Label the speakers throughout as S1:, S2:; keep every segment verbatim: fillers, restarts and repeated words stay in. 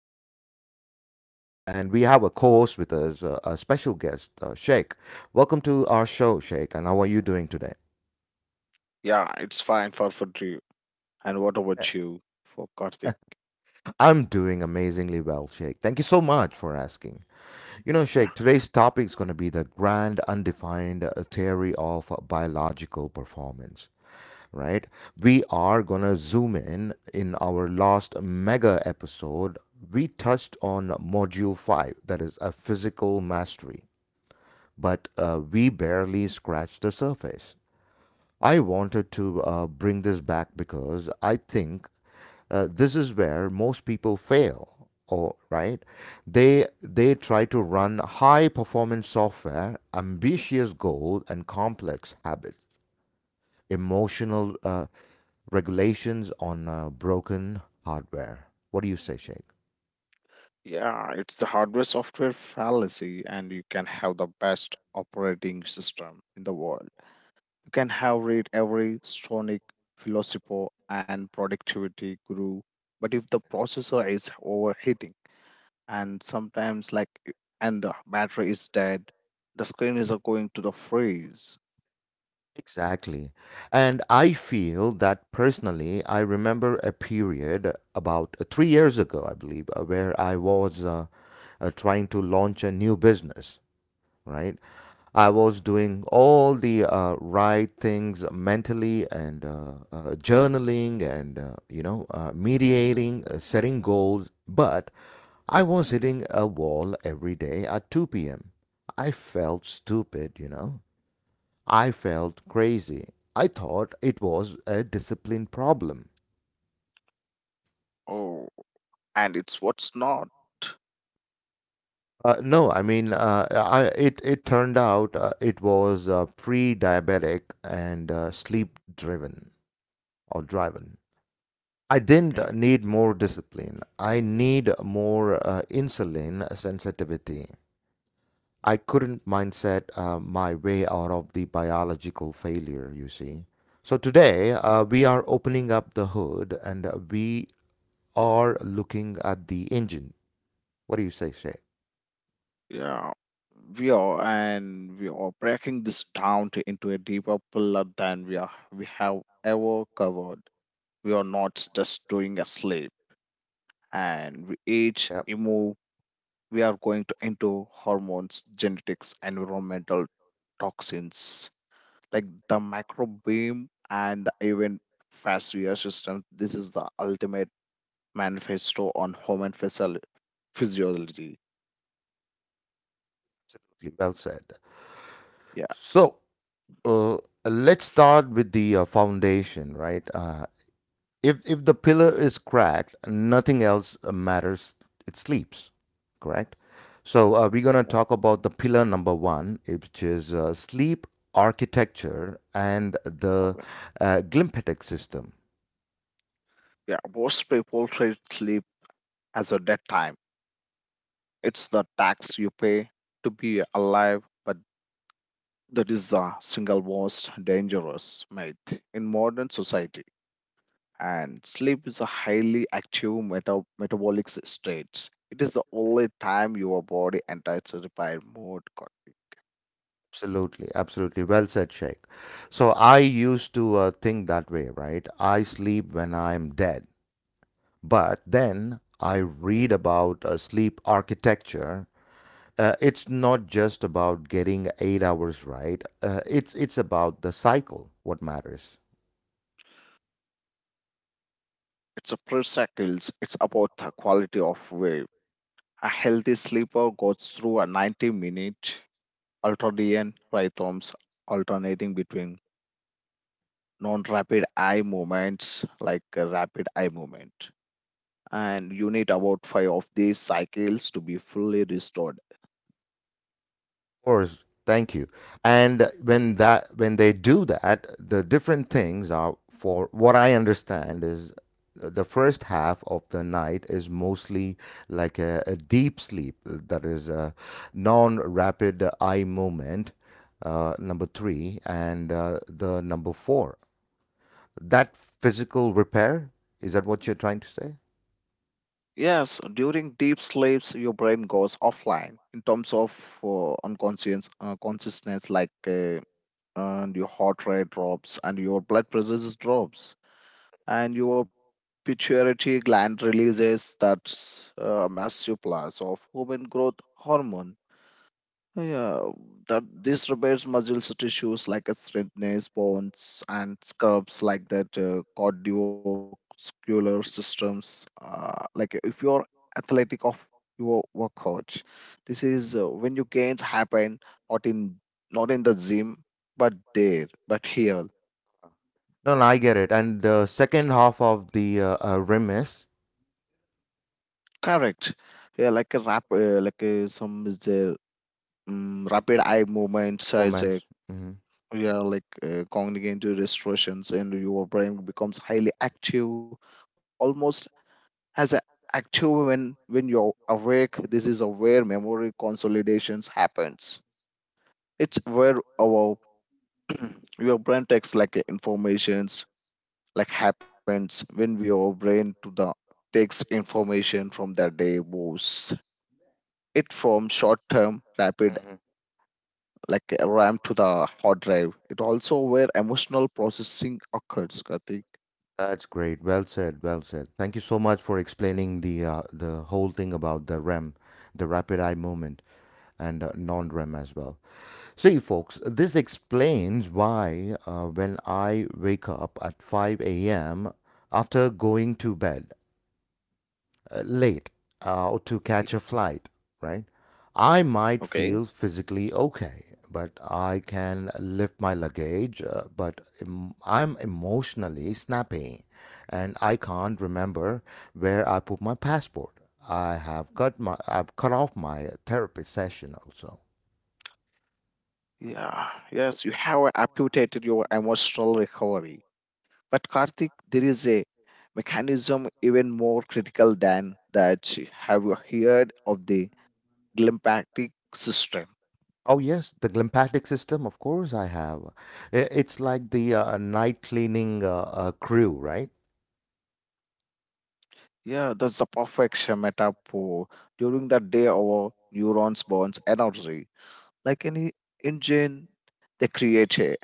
S1: Karthik. I'm your host, and we have a co-host with us, uh, a special guest, uh, Sheikh. Welcome to our show, Sheikh. And how are you doing today?
S2: Yeah, it's fine for for you. And what
S1: Uh,
S2: about you for Karthik?
S1: I'm doing amazingly well, Sheikh. Thank you so much for asking. You know,
S2: Yeah,
S1: Sheikh, today's topic is going to be the grand undefined uh, theory of uh, biological performance. Right? We are going to zoom in. In our last mega episode, we touched on module five, that is a physical mastery, but uh, we barely scratched the surface. I wanted to uh, bring this back because I think uh, this is where most people fail. Or right, they they try to run high performance software, ambitious goals, and complex habits emotional uh, regulations on uh, broken hardware. What do you say, Sheikh?
S2: yeah, it's the hardware software fallacy, and you can have the best operating system in the world. You can have read every Sonic philosopher and productivity guru, but if the processor is overheating and sometimes like i- and the battery is dead, the screen is uh, going to the freeze.
S1: Exactly. And I feel that personally, I remember a period about uh, three years ago, I believe, uh, where I was uh, uh, trying to launch a new business, right? I was doing all the uh, right things mentally and uh, uh, journaling and, uh, you know, uh, mediating, uh, setting goals. But I was hitting a wall every day at two p m. I felt stupid, you know. I felt crazy. I thought it was a discipline problem.
S2: Oh, and it's what's not.
S1: Uh, no, I mean, uh, I, it, it turned out uh, it was uh, pre diabetic and uh, sleep driven or driven. I didn't
S2: Okay.
S1: need more discipline. I need more uh, insulin sensitivity. I couldn't mindset uh, my way out of the biological failure, you see. So today, uh, we are opening up the hood and uh, we are looking at the engine. What do you say, Shay?
S2: Yeah, we are, and we are breaking this down to, into a deeper pillar than we are we have ever covered. We are not just doing a sleep, and we age,
S1: Yep,
S2: improve. We are going to into hormones, genetics, environmental toxins like the microbiome and the even fascia system. This is the ultimate manifesto on human physiolo- physiology.
S1: absolutely. Well said.
S2: Yeah,
S1: So, uh, let's start with the uh, foundation, right? Uh, if if the pillar is cracked, nothing else uh, matters. It sleeps, correct? So uh, we're gonna
S2: one
S1: talk about the pillar number one, which is uh, sleep architecture and the
S2: problem.
S1: uh, glymphatic system.
S2: Yeah, most people treat sleep as a dead time. It's the tax you pay to be alive, but that is the single most dangerous myth in modern society. And sleep is a highly active meta- metabolic state. It is the only time your body enters repair mode. co-
S1: Absolutely, absolutely. Well said, Sheikh. So I used to uh, think that way, right? I sleep when I'm dead, but then I read about uh, sleep architecture uh, it's not just about getting eight hours right. Uh, it's it's about the cycle. What matters?
S2: It's a per cycles. It's about the quality of wave. A healthy sleeper goes through a ninety minute ultradian rhythms alternating between non-rapid eye movements like a rapid eye movement, and you need about five of these cycles to be fully restored.
S1: Of course, thank you. And when that when they do that, the different things are for what I understand is the first half of the night is mostly like a, a deep sleep that is a non-rapid eye movement uh, number three and uh, the number four that physical repair is that what you're trying to say.
S2: Yes, during deep sleeps, your brain goes offline in terms of uh, unconscious uh, consciousness, like uh, and your heart rate drops and your blood pressure drops, and your pituitary gland releases that uh, massive plus of human growth hormone. Yeah, that this repairs muscles tissues like a strengthens bones and scrubs like that uh, cardiovascular systems. Uh, like if you're athletic of your workout, this is uh, when your gains happen not in not in the gym but there but here.
S1: No, no, I get it. And the second half of the uh, uh, remiss
S2: Correct. Yeah, like a rap, uh, like uh, some is there, um, rapid eye movements, uh,
S1: moments. hmm
S2: yeah, like uh, cognitive distortions, and your brain becomes highly active, almost as a active when when you're awake. This is a where memory consolidations happens. It's where our your brain takes like uh, informations, like happens when we our brain to the takes information from the day, moves it from short term rapid,
S1: hmm
S2: like uh, ram to the hard drive. It also where emotional processing occurs, Karthik.
S1: That's great. Well said. Well said. Thank you so much for explaining the uh, the whole thing about the R E M, the rapid eye movement, and uh, non-R E M as well. See, folks, this explains why uh, when I wake up at five a m after going to bed, uh, late uh, or to catch a flight, right? I might
S2: Okay.
S1: feel physically okay, but I can lift my luggage, uh, but em- I'm emotionally snappy and I can't remember where I put my passport. I have cut my I've cut off my therapy session also.
S2: Yeah, yes, you have amputated your emotional recovery. But Karthik, there is a mechanism even more critical than that. Have you heard of the glymphatic system?
S1: Oh yes, the lymphatic system, of course I have. I- It's like the uh, night cleaning uh, uh, crew, right?
S2: Yeah, that's the perfect metaphor. During the day, our neurons burns energy. Like any engine, they create a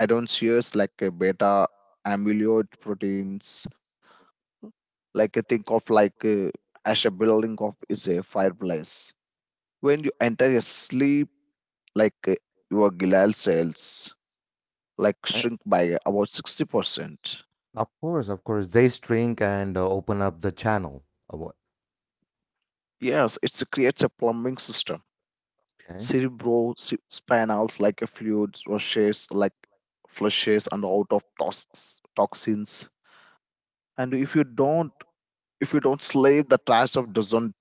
S2: adenovirus like a beta amyloid proteins, like uh, think of like uh, as a building of is a fireplace. When you enter a sleep, like uh, your glial cells like
S1: Right?
S2: shrink by uh, about sixty percent.
S1: Of course, of course. They shrink and uh, open up the channel. Uh, what-
S2: Yes, it creates a plumbing system.
S1: Okay.
S2: Cerebral si- spinals like a fluid rushes, like flushes and out of tox- toxins, and if you don't if you don't sleep, the trash of doesn't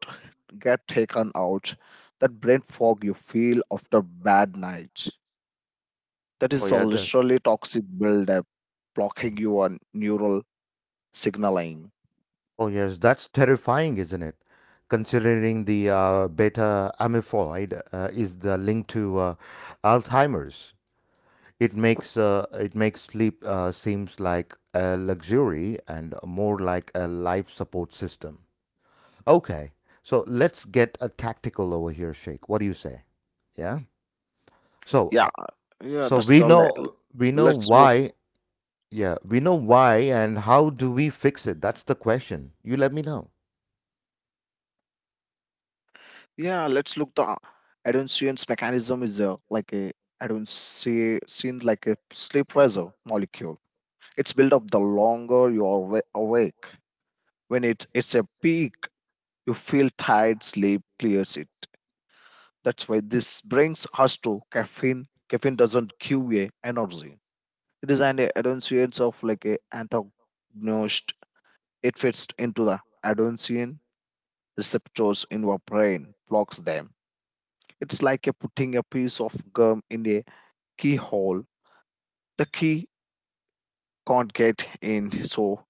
S2: get taken out. That brain fog you feel after bad night, that
S1: Oh
S2: is a
S1: yeah, that.
S2: literally toxic buildup blocking
S1: Mm.
S2: your neural signaling.
S1: Oh yes, that's terrifying, isn't it? Considering the uh, beta amyloid uh, is the link to uh, Alzheimer's, it makes uh, it makes sleep uh, seems like a luxury and more like a life support system. Okay, so let's get a tactical over here, Sheikh. What do you say? Yeah.
S2: Yeah,
S1: So, uh,
S2: yeah,
S1: so
S2: that's all.
S1: we
S2: le-
S1: know we know
S2: Let's look.
S1: why. Yeah, we know why and how do we fix it? That's the question. You let me know.
S2: Yeah, let's look. The adhesions mechanism is, uh, like a, I don't see seen like a sleep pressure molecule. It's built up the longer you are wa- awake. When it it's a peak, you feel tired. Sleep clears it. That's why this brings us to caffeine. Caffeine doesn't give you energy. It is an annunciates of, like a antagonist. It fits into the adenosine receptors in your brain, blocks them. It's like a putting a piece of gum in a keyhole. The key can't get in, so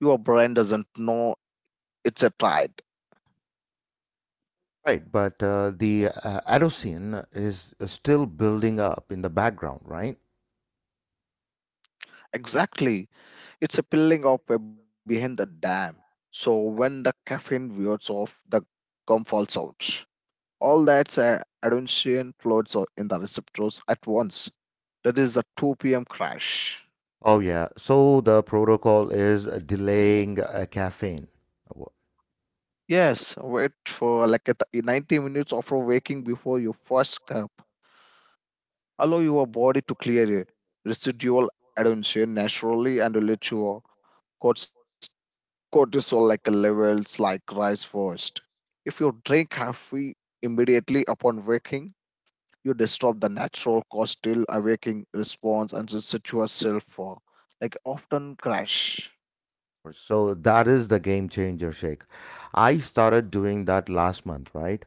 S2: your brain doesn't know it's a tried.
S1: Right, but uh, the uh, Adocean is uh, still building up in the background, right?
S2: Exactly. It's a peeling off a behind the dam. So when the caffeine wears off, the gum falls out. All that's a adonesian floats o- in the receptors at once. That is the two p m crash.
S1: Oh yeah. So the protocol is delaying uh, caffeine. Wha-
S2: Yes, wait for like a th- ninety minutes after waking before your first cup. Allow your body to clear it. Residual adhesion naturally, and let your cortis- cortisol like levels like rise first. If you drink coffee immediately upon waking, you disturb the natural cortical awakening response and set yourself for like often crash.
S1: So that is the game changer shake. I started doing that last month, right?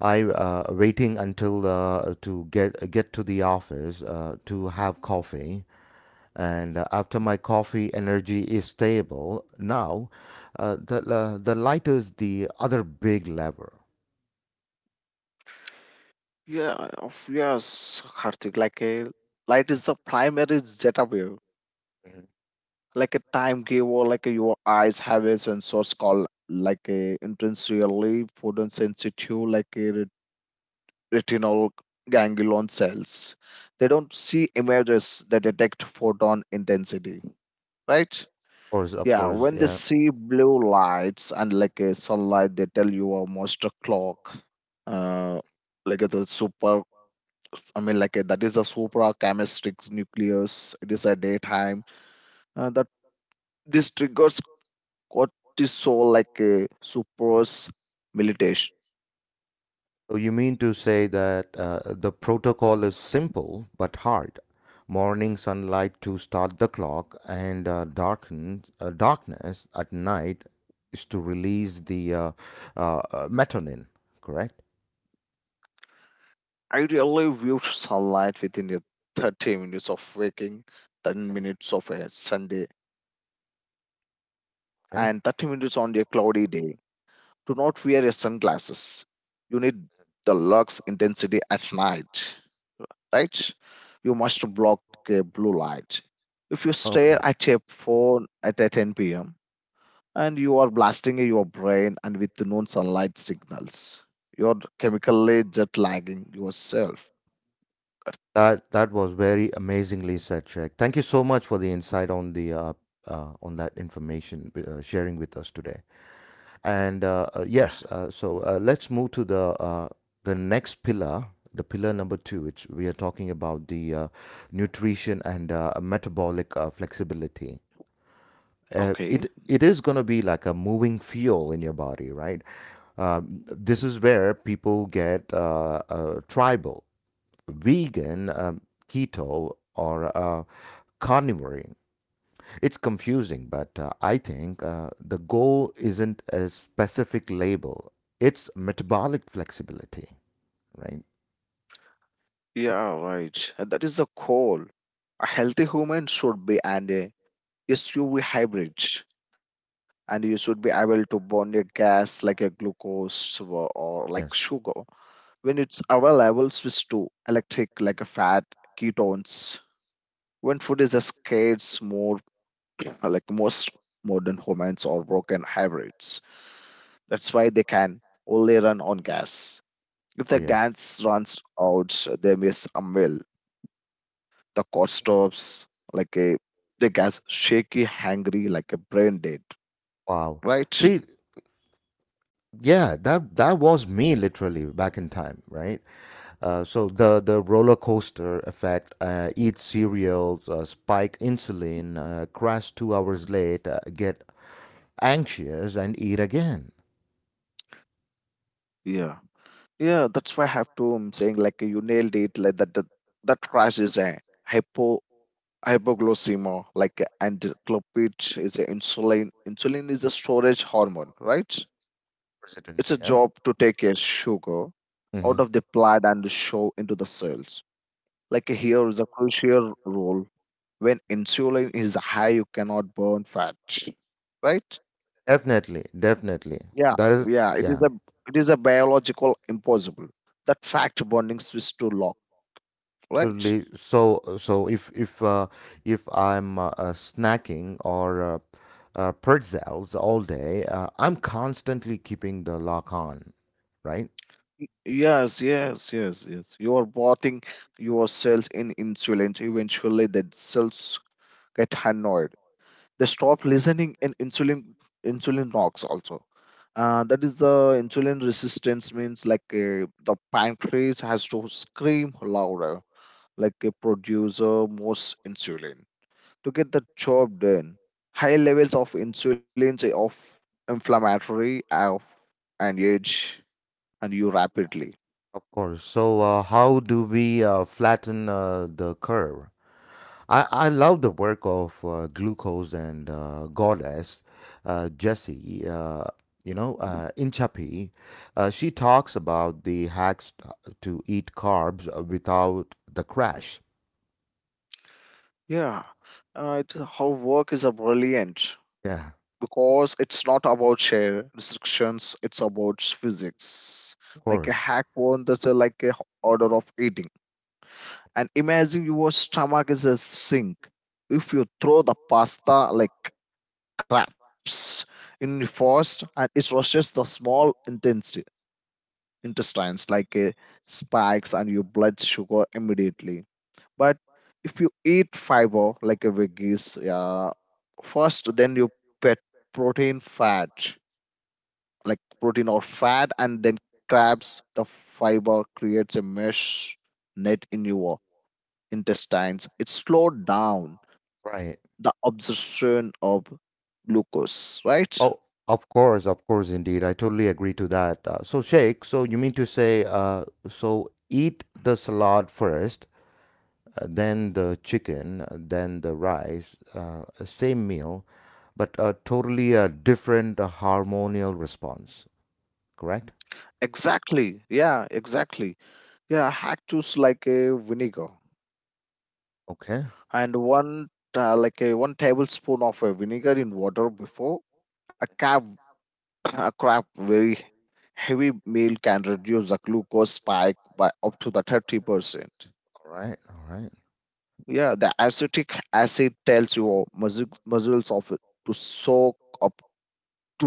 S1: I uh, waiting until uh, to get get to the office uh, to have coffee, and uh, after my coffee energy is stable now. Uh, the uh, the light is the other big lever.
S2: Yeah, of yes, Karthik, like a light is the primary zeta wave, like a time giver, like a, your eyes have a sensor called like a intensely photosensitive, like a re- retinal ganglion cells. They don't see images; they detect photon intensity, right?
S1: Of course, of
S2: Yeah,
S1: course,
S2: when they
S1: yeah.
S2: see blue lights and like a sunlight, they tell you a monster clock. Uh, like the super I mean, like uh, that is a suprachiasmatic nucleus. It is a daytime, uh, that this triggers cortisol, like a suppress militation.
S1: So you mean to say that uh, the protocol is simple but hard morning sunlight to start the clock and uh, darken uh, darkness at night is to release the uh, uh, uh, melatonin, correct?
S2: I really view sunlight within the thirty minutes of waking, ten
S1: Okay.
S2: minutes of a Sunday,
S1: Okay.
S2: and thirty minutes on a cloudy day. Do not wear your sunglasses. You need the lux intensity at night, right? You must block a blue light. If you
S1: Okay.
S2: stare at a phone at a ten p m and you are blasting your brain and with no sunlight signals, you're chemically jet lagging yourself.
S1: That that was very amazingly said, Sheikh. Thank you so much for the insight on the uh, uh, on that information uh, sharing with us today. And uh, uh,
S2: Yeah,
S1: yes, uh, so uh, let's move to the uh, the next pillar, the pillar number two, which we are talking about the uh, nutrition and uh, metabolic uh, flexibility. Uh, it
S2: okay.
S1: it is going to be like a moving fuel in your body, right? Um, this is where people get uh, uh, tribal vegan, um, keto, or uh, carnivore. It's confusing, but uh, I think uh, the goal isn't a specific label, it's metabolic flexibility, right?
S2: Yeah, right. And that is the goal. A healthy human should be an uh, S U V hybrid, and you should be able to burn your gas, like a glucose, or, or like sugar,
S1: Yes.
S2: when it's available. Switch to electric, like a fat ketones, when food is scarce. More like most modern homes or broken hybrids. That's why they can only run on gas. If
S1: Oh,
S2: the
S1: yes.
S2: gas runs out, they miss a meal, the cost stops, like a the gas shaky hangry, like a brain dead,
S1: Wow.
S2: right?
S1: See, yeah, that that was me literally back in time, right? Uh, so the the roller coaster effect uh, eat cereals uh, spike insulin uh, crash two hours late uh, get anxious and eat again.
S2: Yeah, yeah, that's why I have to, I'm saying, like you nailed it, like that that, that crash is a hypo hypoglycemia like encephalopathy. Is a insulin Insulin is a storage hormone, right?
S1: Yes, it is,
S2: It's a
S1: yeah.
S2: job to take a sugar out
S1: Hmm.
S2: of the blood and show into the cells, like here is a crucial role. When insulin is high, you cannot burn fat, right?
S1: Definitely, definitely.
S2: Yeah,
S1: That is
S2: yeah, it is
S1: yeah.
S2: a it is a biological impossible, that fact bonding switch to lock, right?
S1: Absolutely. So, so if if uh, if I'm uh, uh, snacking or uh, uh, pretzels all day, uh, I'm constantly keeping the lock on, right?
S2: Yes, yes, yes, yes. You are bathing your cells in insulin. Eventually, the cells get annoyed. They stop listening, and insulin insulin knocks also. Uh, that is the insulin resistance, means like uh, the pancreas has to scream louder, like a producer more insulin to get the job done. High levels of insulin say of inflammatory of and age, and you rapidly.
S1: Of course. So, uh, how do we uh, flatten uh, the curve? I, I love the work of uh, Glucose and uh, Goddess, uh, Jessie, uh, you know, uh, Inchapi. Uh, she talks about the hacks t- to eat carbs uh, without the crash.
S2: Yeah, uh, it, her work is a brilliant,
S1: Yeah,
S2: because it's not about share restrictions, it's about physics.
S1: of
S2: Like a
S1: course.
S2: hack one, that's uh, like a h- order of eating. And imagine your stomach is a sink. If you throw the pasta like crabs in the first, and it rushes the small intestine, intestines, like uh, spikes and your blood sugar immediately. But if you eat fiber like a veggies, uh, first, then you put protein fat, like protein or fat, and then crabs, the fiber creates a mesh net in your intestines. It slowed down
S1: Right.
S2: the absorption of glucose, right?
S1: Oh, of course, of course, indeed. I totally agree to that. Uh, so, Sheikh, so you mean to say, uh, so eat the salad first, uh, then the chicken, uh, then the rice, uh, same meal, but a totally uh, different uh, hormonal response, correct?
S2: Exactly. Yeah, exactly. Yeah, hack choose like a vinegar,
S1: Okay.
S2: and one uh, like a one tablespoon of a vinegar in water before a carb a crap very heavy meal, can reduce the glucose spike by up to the thirty percent.
S1: All right. All right.
S2: Yeah, the acetic acid tells your muscle, muscles of it to soak up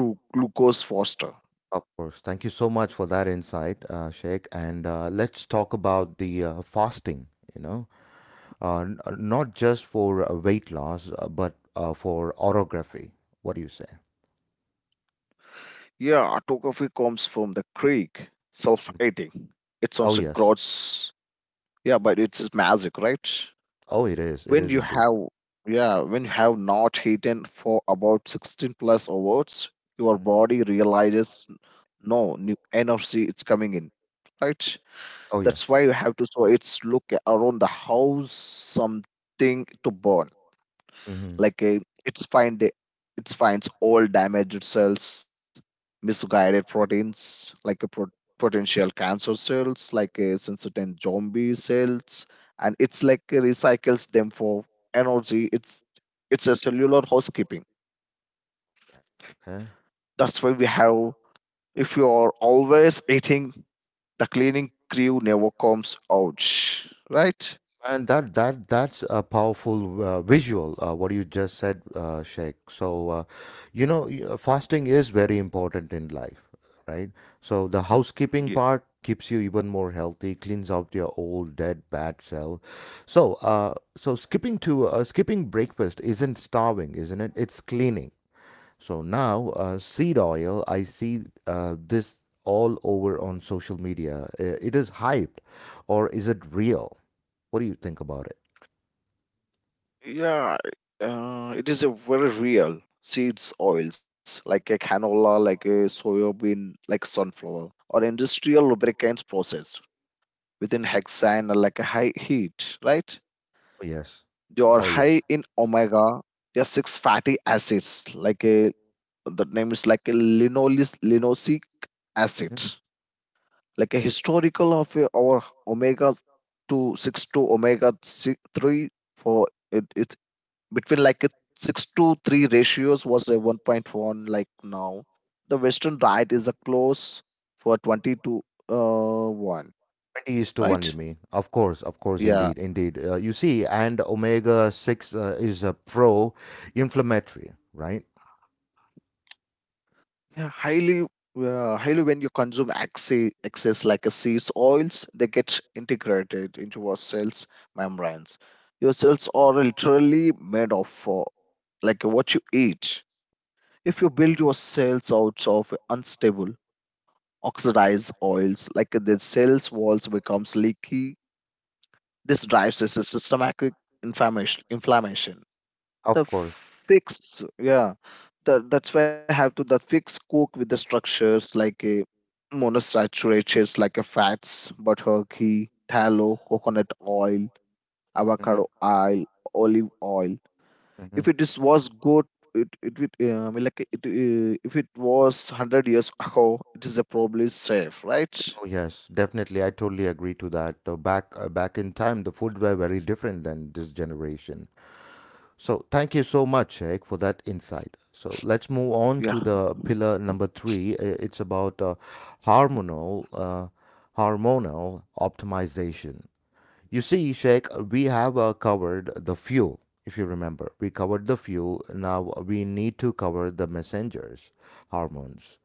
S2: to glucose faster.
S1: Of course. Thank you so much for that insight, uh, Sheikh. And uh, let's talk about the uh, fasting, you know, uh, n- uh, not just for uh, weight loss, uh, but uh, for orography. What do you say?
S2: Yeah, autocopy comes from the Greek
S1: Mm.
S2: self-eating. It
S1: Oh,
S2: sounds a
S1: yes.
S2: gross, yeah, but it's magic, right?
S1: Oh, it is. It
S2: When
S1: is
S2: you
S1: indeed.
S2: have yeah, when you have not eaten for about sixteen plus hours, your
S1: Mhm.
S2: body realizes no new energy it's coming in, right?
S1: Oh,
S2: That's
S1: yes.
S2: why you have to, so it's look around the house something to burn,
S1: Hmm.
S2: like a, it's find it, it finds all damaged cells, misguided proteins, like a pro- potential cancer cells, like a sensitive zombie cells, and it's like a recycles them for energy. It's it's a cellular housekeeping.
S1: Okay.
S2: That's why we have, if you are always eating, the cleaning crew never comes out, right?
S1: And that that that's a powerful uh, visual. Uh, what you just said, uh, Sheikh. So, uh, you know, y- uh, fasting is very important in life, right? So the housekeeping
S2: Ye-
S1: part keeps you even more healthy, cleans out your old dead bad cell. So, uh, so skipping to uh, skipping breakfast isn't starving, isn't it? It's cleaning. So now, uh, seed oil, I see uh, this all over on social media. Uh, It is hyped, or is it real? What do you think about it?
S2: Yeah, uh, it is a very real seeds oils, like a canola, like a soybean, like sunflower, or industrial lubricants processed within hexane or like a high heat, right?
S1: Oh, yes.
S2: They are
S1: Oh, yes.
S2: high in omega, they are six fatty acids, like a the name is like a linoleic linoleic acid,
S1: Mhm.
S2: like a historical of uh, our omega 2 6 to omega six, three for it, it between like a six to three ratios was a one point one. Like now the western diet is a close for twenty to uh, one,
S1: twenty is to one, you
S2: right?
S1: mean? Of course, of course,
S2: Yeah,
S1: indeed, indeed. Uh, you see, and omega six uh, is a pro inflammatory, right?
S2: yeah highly, uh, highly when you consume excess, excess like a seeds oils, they get integrated into our cells membranes. Your cells are literally made of uh, like what you eat. If you build
S1: Course.
S2: your cells out of unstable oxidized oils, like the cells walls becomes leaky. This drives a systematic inflammation. Inflammation.
S1: Of
S2: The
S1: course.
S2: fix, yeah, that that's why I have to that fix cook with the structures like a monosaturated like a fats, butter, ghee, tallow, coconut oil,
S1: Hmm.
S2: avocado oil, olive oil if
S1: Hmm.
S2: it is was good it it would um, like it uh, if it was one hundred years ago it is a probably safe, right?
S1: Oh yes, definitely. I totally agree to that. Uh, back uh, back in time, the food were very different than this generation. So thank you so much, Sheikh, for that insight. So let's move on to
S2: Yeah,
S1: the pillar number three. Uh, It's about uh, hormonal uh, hormonal optimization. You see, Sheikh, we have uh, covered the fuel, if you remember. We covered the fuel. Now we need to cover the messengers, hormones.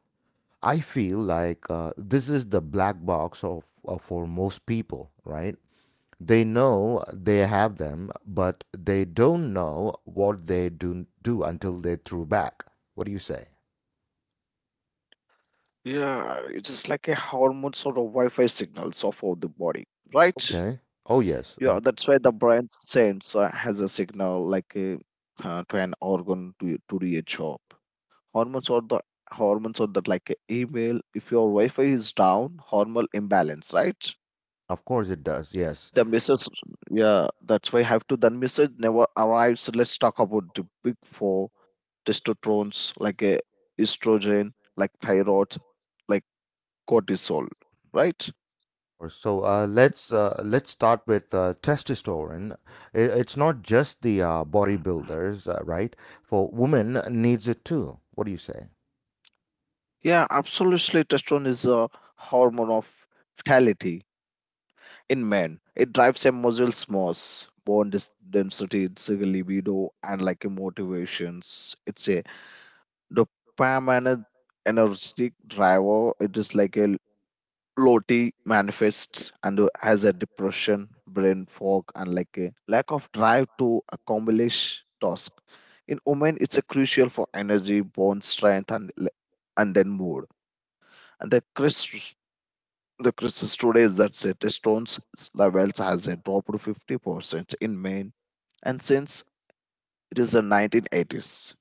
S1: I feel like uh, this is the black box of, of for most people, right? They know they have them, but they don't know what they do do until they threw back. What do you say?
S2: yeah, it is like a hormone sort of wi-fi signals of all the body, right?
S1: Okay. Oh yes,
S2: Yeah,
S1: mhm.
S2: that's why the brain sends uh, has a signal like a, uh, to an organ to to do a job. Hormones or the hormones or that like a email, if your wi-fi is down, hormonal imbalance, right?
S1: Of course it does. Yes.
S2: The message, yeah, that's why I have to then message never arrives. Let's talk about the big four: testosterones like a estrogen like thyroid like cortisol, right?
S1: Course. So uh, let's uh, let's start with uh, testosterone. I- It's not just the uh, bodybuilders, uh, right? For women needs it too. What do you say?
S2: Yeah, absolutely, testosterone is a hormone of vitality. In men it drives a muscles mass, bone dis- density, it's a libido and like a motivations, it's a dopamine energetic driver. It is like a Loti manifests and has a depression, brain fog, and like a lack of drive to accomplish task. In women, it's a crucial for energy, bone strength, and le- and then mood. And the Chris the crisis today is that testosterone's levels has a dropped to fifty percent in men, and since it is the nineteen eighties,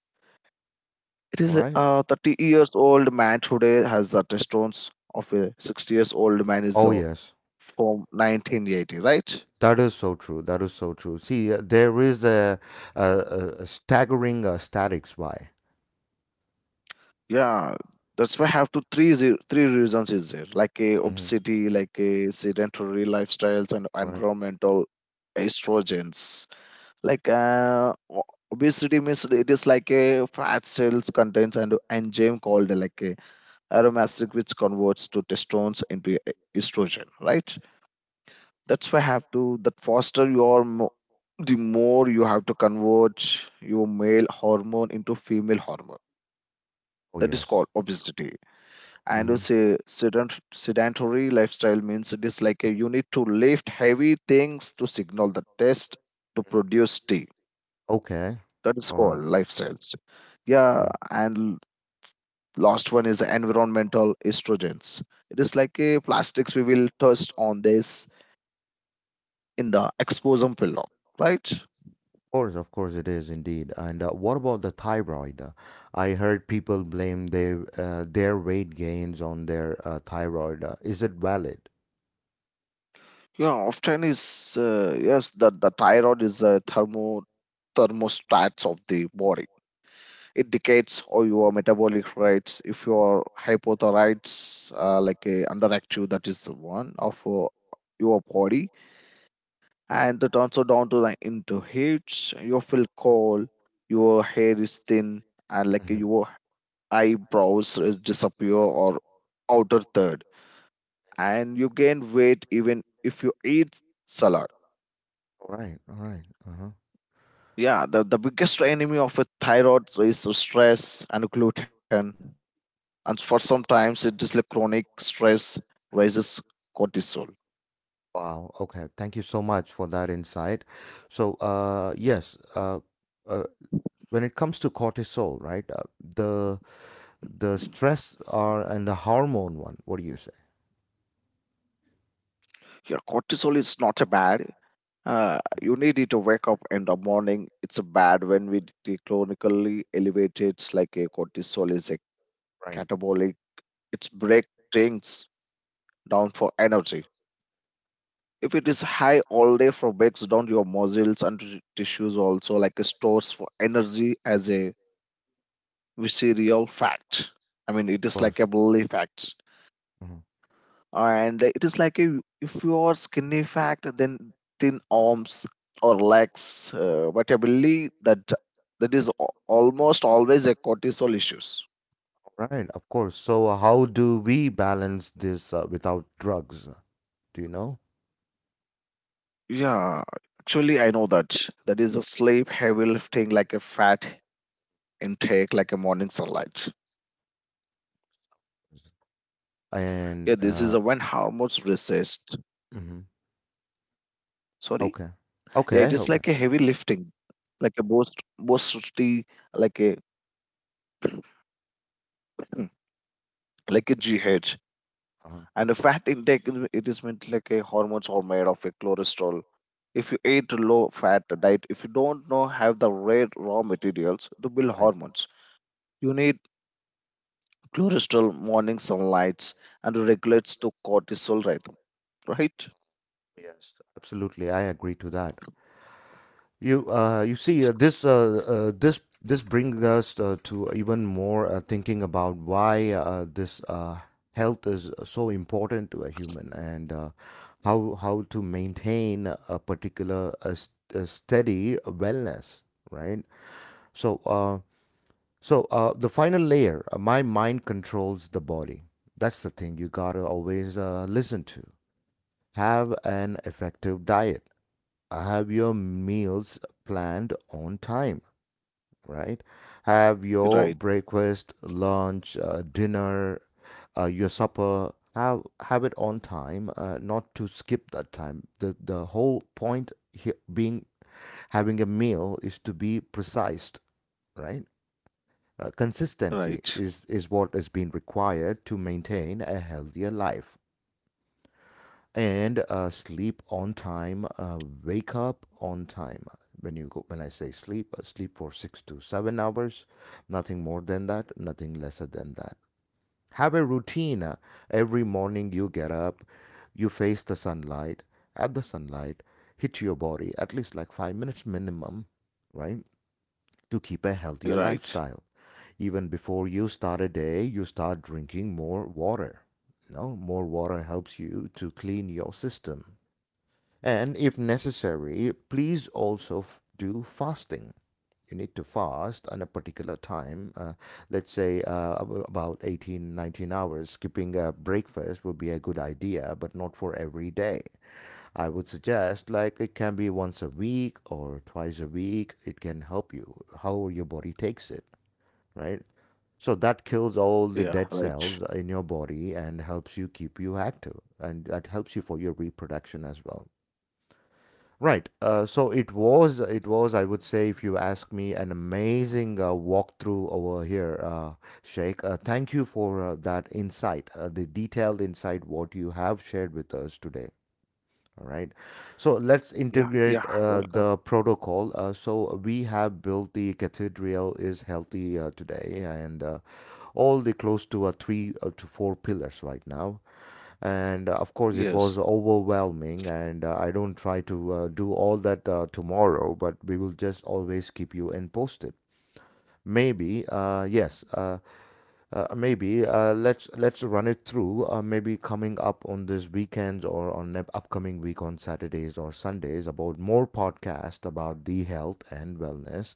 S2: it
S1: All
S2: is a
S1: right.
S2: uh, thirty years old man today has the testosterone of a sixty years old man, is
S1: Oh
S2: uh,
S1: yes,
S2: from nineteen eighty, right?
S1: that is so true. That is so true. See, uh, there is a, a, a a staggering uh, statics why.
S2: Yeah, that's why I have to three zero, three reasons is there, like a
S1: Mm-hmm.
S2: obesity, like a sedentary lifestyles, and
S1: Right.
S2: environmental estrogens. like uh, o- Obesity means it is like a fat cells contains an enzyme called like a aromatic, which converts to testosterone into e- estrogen, right? That's why I have to that foster your mo- the more you have to convert your male hormone into female hormone,
S1: Oh
S2: that is
S1: yes.
S2: called obesity. And a
S1: Mm-hmm.
S2: say sedent- sedentary lifestyle means it is like a, you need to lift heavy things to signal the test to produce tea,
S1: Okay.
S2: that is
S1: All
S2: called
S1: right.
S2: lifestyles. Yeah,
S1: Mm.
S2: and l- last one is environmental estrogens, it is like a plastics. We will touch on this in the exposum pillow, right?
S1: Course, of course, it is indeed. And uh, what about the thyroid? Uh, I heard people blame their uh, their weight gains on their uh, thyroid. Uh, is it valid?
S2: Yeah, often is, uh, yes, the, the thyroid is a thermo thermostats of the body, it dictates all your metabolic rates. If your hypothyroids, uh, like uh, underactive, that is the one of uh, your body, and it also down to like into heat. You feel cold, your hair is thin, and like
S1: Mhm.
S2: your eyebrows is disappear or outer third, and you gain weight even if you eat salad.
S1: All right, all right. Uh-huh.
S2: Yeah, the, the biggest enemy of a thyroid is stress and gluten, and for sometimes it is like chronic stress raises cortisol.
S1: Wow. Okay. Thank you so much for that insight. So, uh, yes, uh, uh, when it comes to cortisol, right, uh, the the stress or and the hormone one. What do you say?
S2: Yeah, cortisol is not a bad, uh, you
S1: Mhm.
S2: need it to wake up in the morning. It's a bad when we de- chronically elevated, like a cortisol is a catabolic,
S1: Right.
S2: it's break things down for energy. If it is high all day, for breaks down your muscles and t- tissues, also like stores for energy as a we see real fact. I mean, it
S1: Of
S2: is like
S1: course.
S2: a bloody fact,
S1: Mm-hmm.
S2: and it is like a, if you are skinny fact, then thin arms or legs. Uh, but I believe that that is al- almost always a cortisol issues.
S1: Right, of course. So, uh, how do we balance this uh, without drugs? Do you know?
S2: Yeah, actually, I know that that is a sleep, heavy lifting, like a fat intake, like a morning sunlight. Yeah, this
S1: And
S2: is a
S1: uh,
S2: when hormones resist.
S1: hmm,
S2: Sorry.
S1: okay,
S2: Yeah,
S1: okay,
S2: it is
S1: okay.
S2: like a heavy lifting, like a boost, boosty, like a like a G H.
S1: Uh-huh.
S2: And the fat intake, is- it is meant like a hormones are made of a cholesterol. If you eat a low fat diet, if you don't know have the right raw materials to build
S1: Right.
S2: hormones, you need cholesterol, morning sunlights, and regulates to cortisol rhythm, right?
S1: Yes, absolutely. I agree to that. You uh you see, uh, this uh, uh this this brings us, uh, to even more, uh, thinking about why, uh, this uh health is so important to a human, and uh, how how to maintain a particular, uh, s- uh, steady wellness, right? So uh so uh the final layer, uh, my mind controls the body. That's the thing you gotta always, uh, listen to. Have an effective diet, have your meals planned on time, right? Have your
S2: Right,
S1: breakfast, lunch, uh, dinner, uh, your supper. Have have it on time, uh, not to skip that time. The the whole point here being, having a meal is to be precise, right? Uh,
S2: right,
S1: consistency is is what is being required to maintain a healthier life, and uh, sleep on time, uh, wake up on time. When you go when I say sleep, uh, sleep for six to seven hours, nothing more than that, nothing lesser than that. Have a routine, uh, every morning you get up, you face the sunlight, have the sunlight hit your body at least like five minutes minimum, right, to keep a healthier
S2: right.
S1: lifestyle. Even before you start a day, you start drinking more water. No, more water helps you to clean your system, and if necessary, please also f- do fasting. You need to fast on a particular time, uh, let's say, uh, ab- about eighteen, nineteen hours. Skipping uh, breakfast would be a good idea, but not for every day. I would suggest like it can be once a week or twice a week. It can help you how your body takes it, right? So that kills all
S2: Yeah,
S1: the dead
S2: right.
S1: cells in your body and helps you keep you active, and that helps you for your reproduction as well. Right. Uh, so it was, it was, I would say, if you ask me, an amazing, uh, walkthrough over here, uh, Sheikh. Uh, thank you for, uh, that insight, uh, the detailed insight, what you have shared with us today. All right. So let's
S2: Yeah, yeah.
S1: integrate, uh,
S2: Welcome.
S1: the protocol. Uh, so we have built the cathedral is healthy, uh, today, and uh, all the close to, uh, three, uh, to four pillars right now, and uh, of course it
S2: Yes.
S1: was overwhelming, and uh, I don't try to, uh, do all that, uh, tomorrow, but we will just always keep you in posted. Maybe, uh, yes, uh, uh, maybe uh, let's let's run it through, uh, maybe coming up on this weekend, or on the upcoming week, on Saturdays or Sundays, about more podcast about the health and wellness.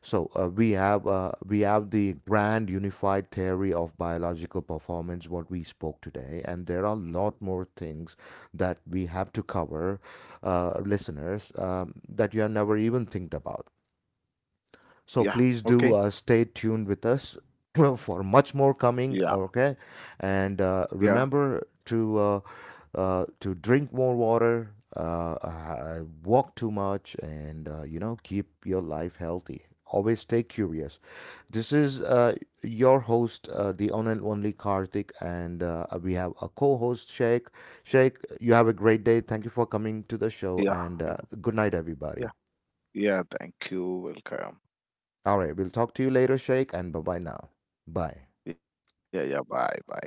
S1: So uh, we have uh, we have the grand unified theory of biological performance, what we spoke today, and there are a lot more things that we have to cover, uh, listeners, um, that you have never even think about. So please
S2: Yeah.
S1: do, uh,
S2: Okay.
S1: stay tuned with us for much more coming.
S2: Yeah.
S1: Okay, and uh,
S2: Yeah.
S1: remember to, uh, uh, to drink more water, uh, uh, walk too much, and uh, you know, keep your life healthy. Always stay curious. This is, uh, your host, uh, the one and only Karthik, and uh, we have a co-host, Sheikh. Sheikh, you have a great day. Thank you for coming to the show, and
S2: Yeah.
S1: uh, good night, everybody.
S2: Yeah. Yeah. Thank you. Welcome.
S1: All right, we'll talk to you later, Sheikh, and bye bye now. Bye.
S2: Yeah. Yeah. Bye. Bye.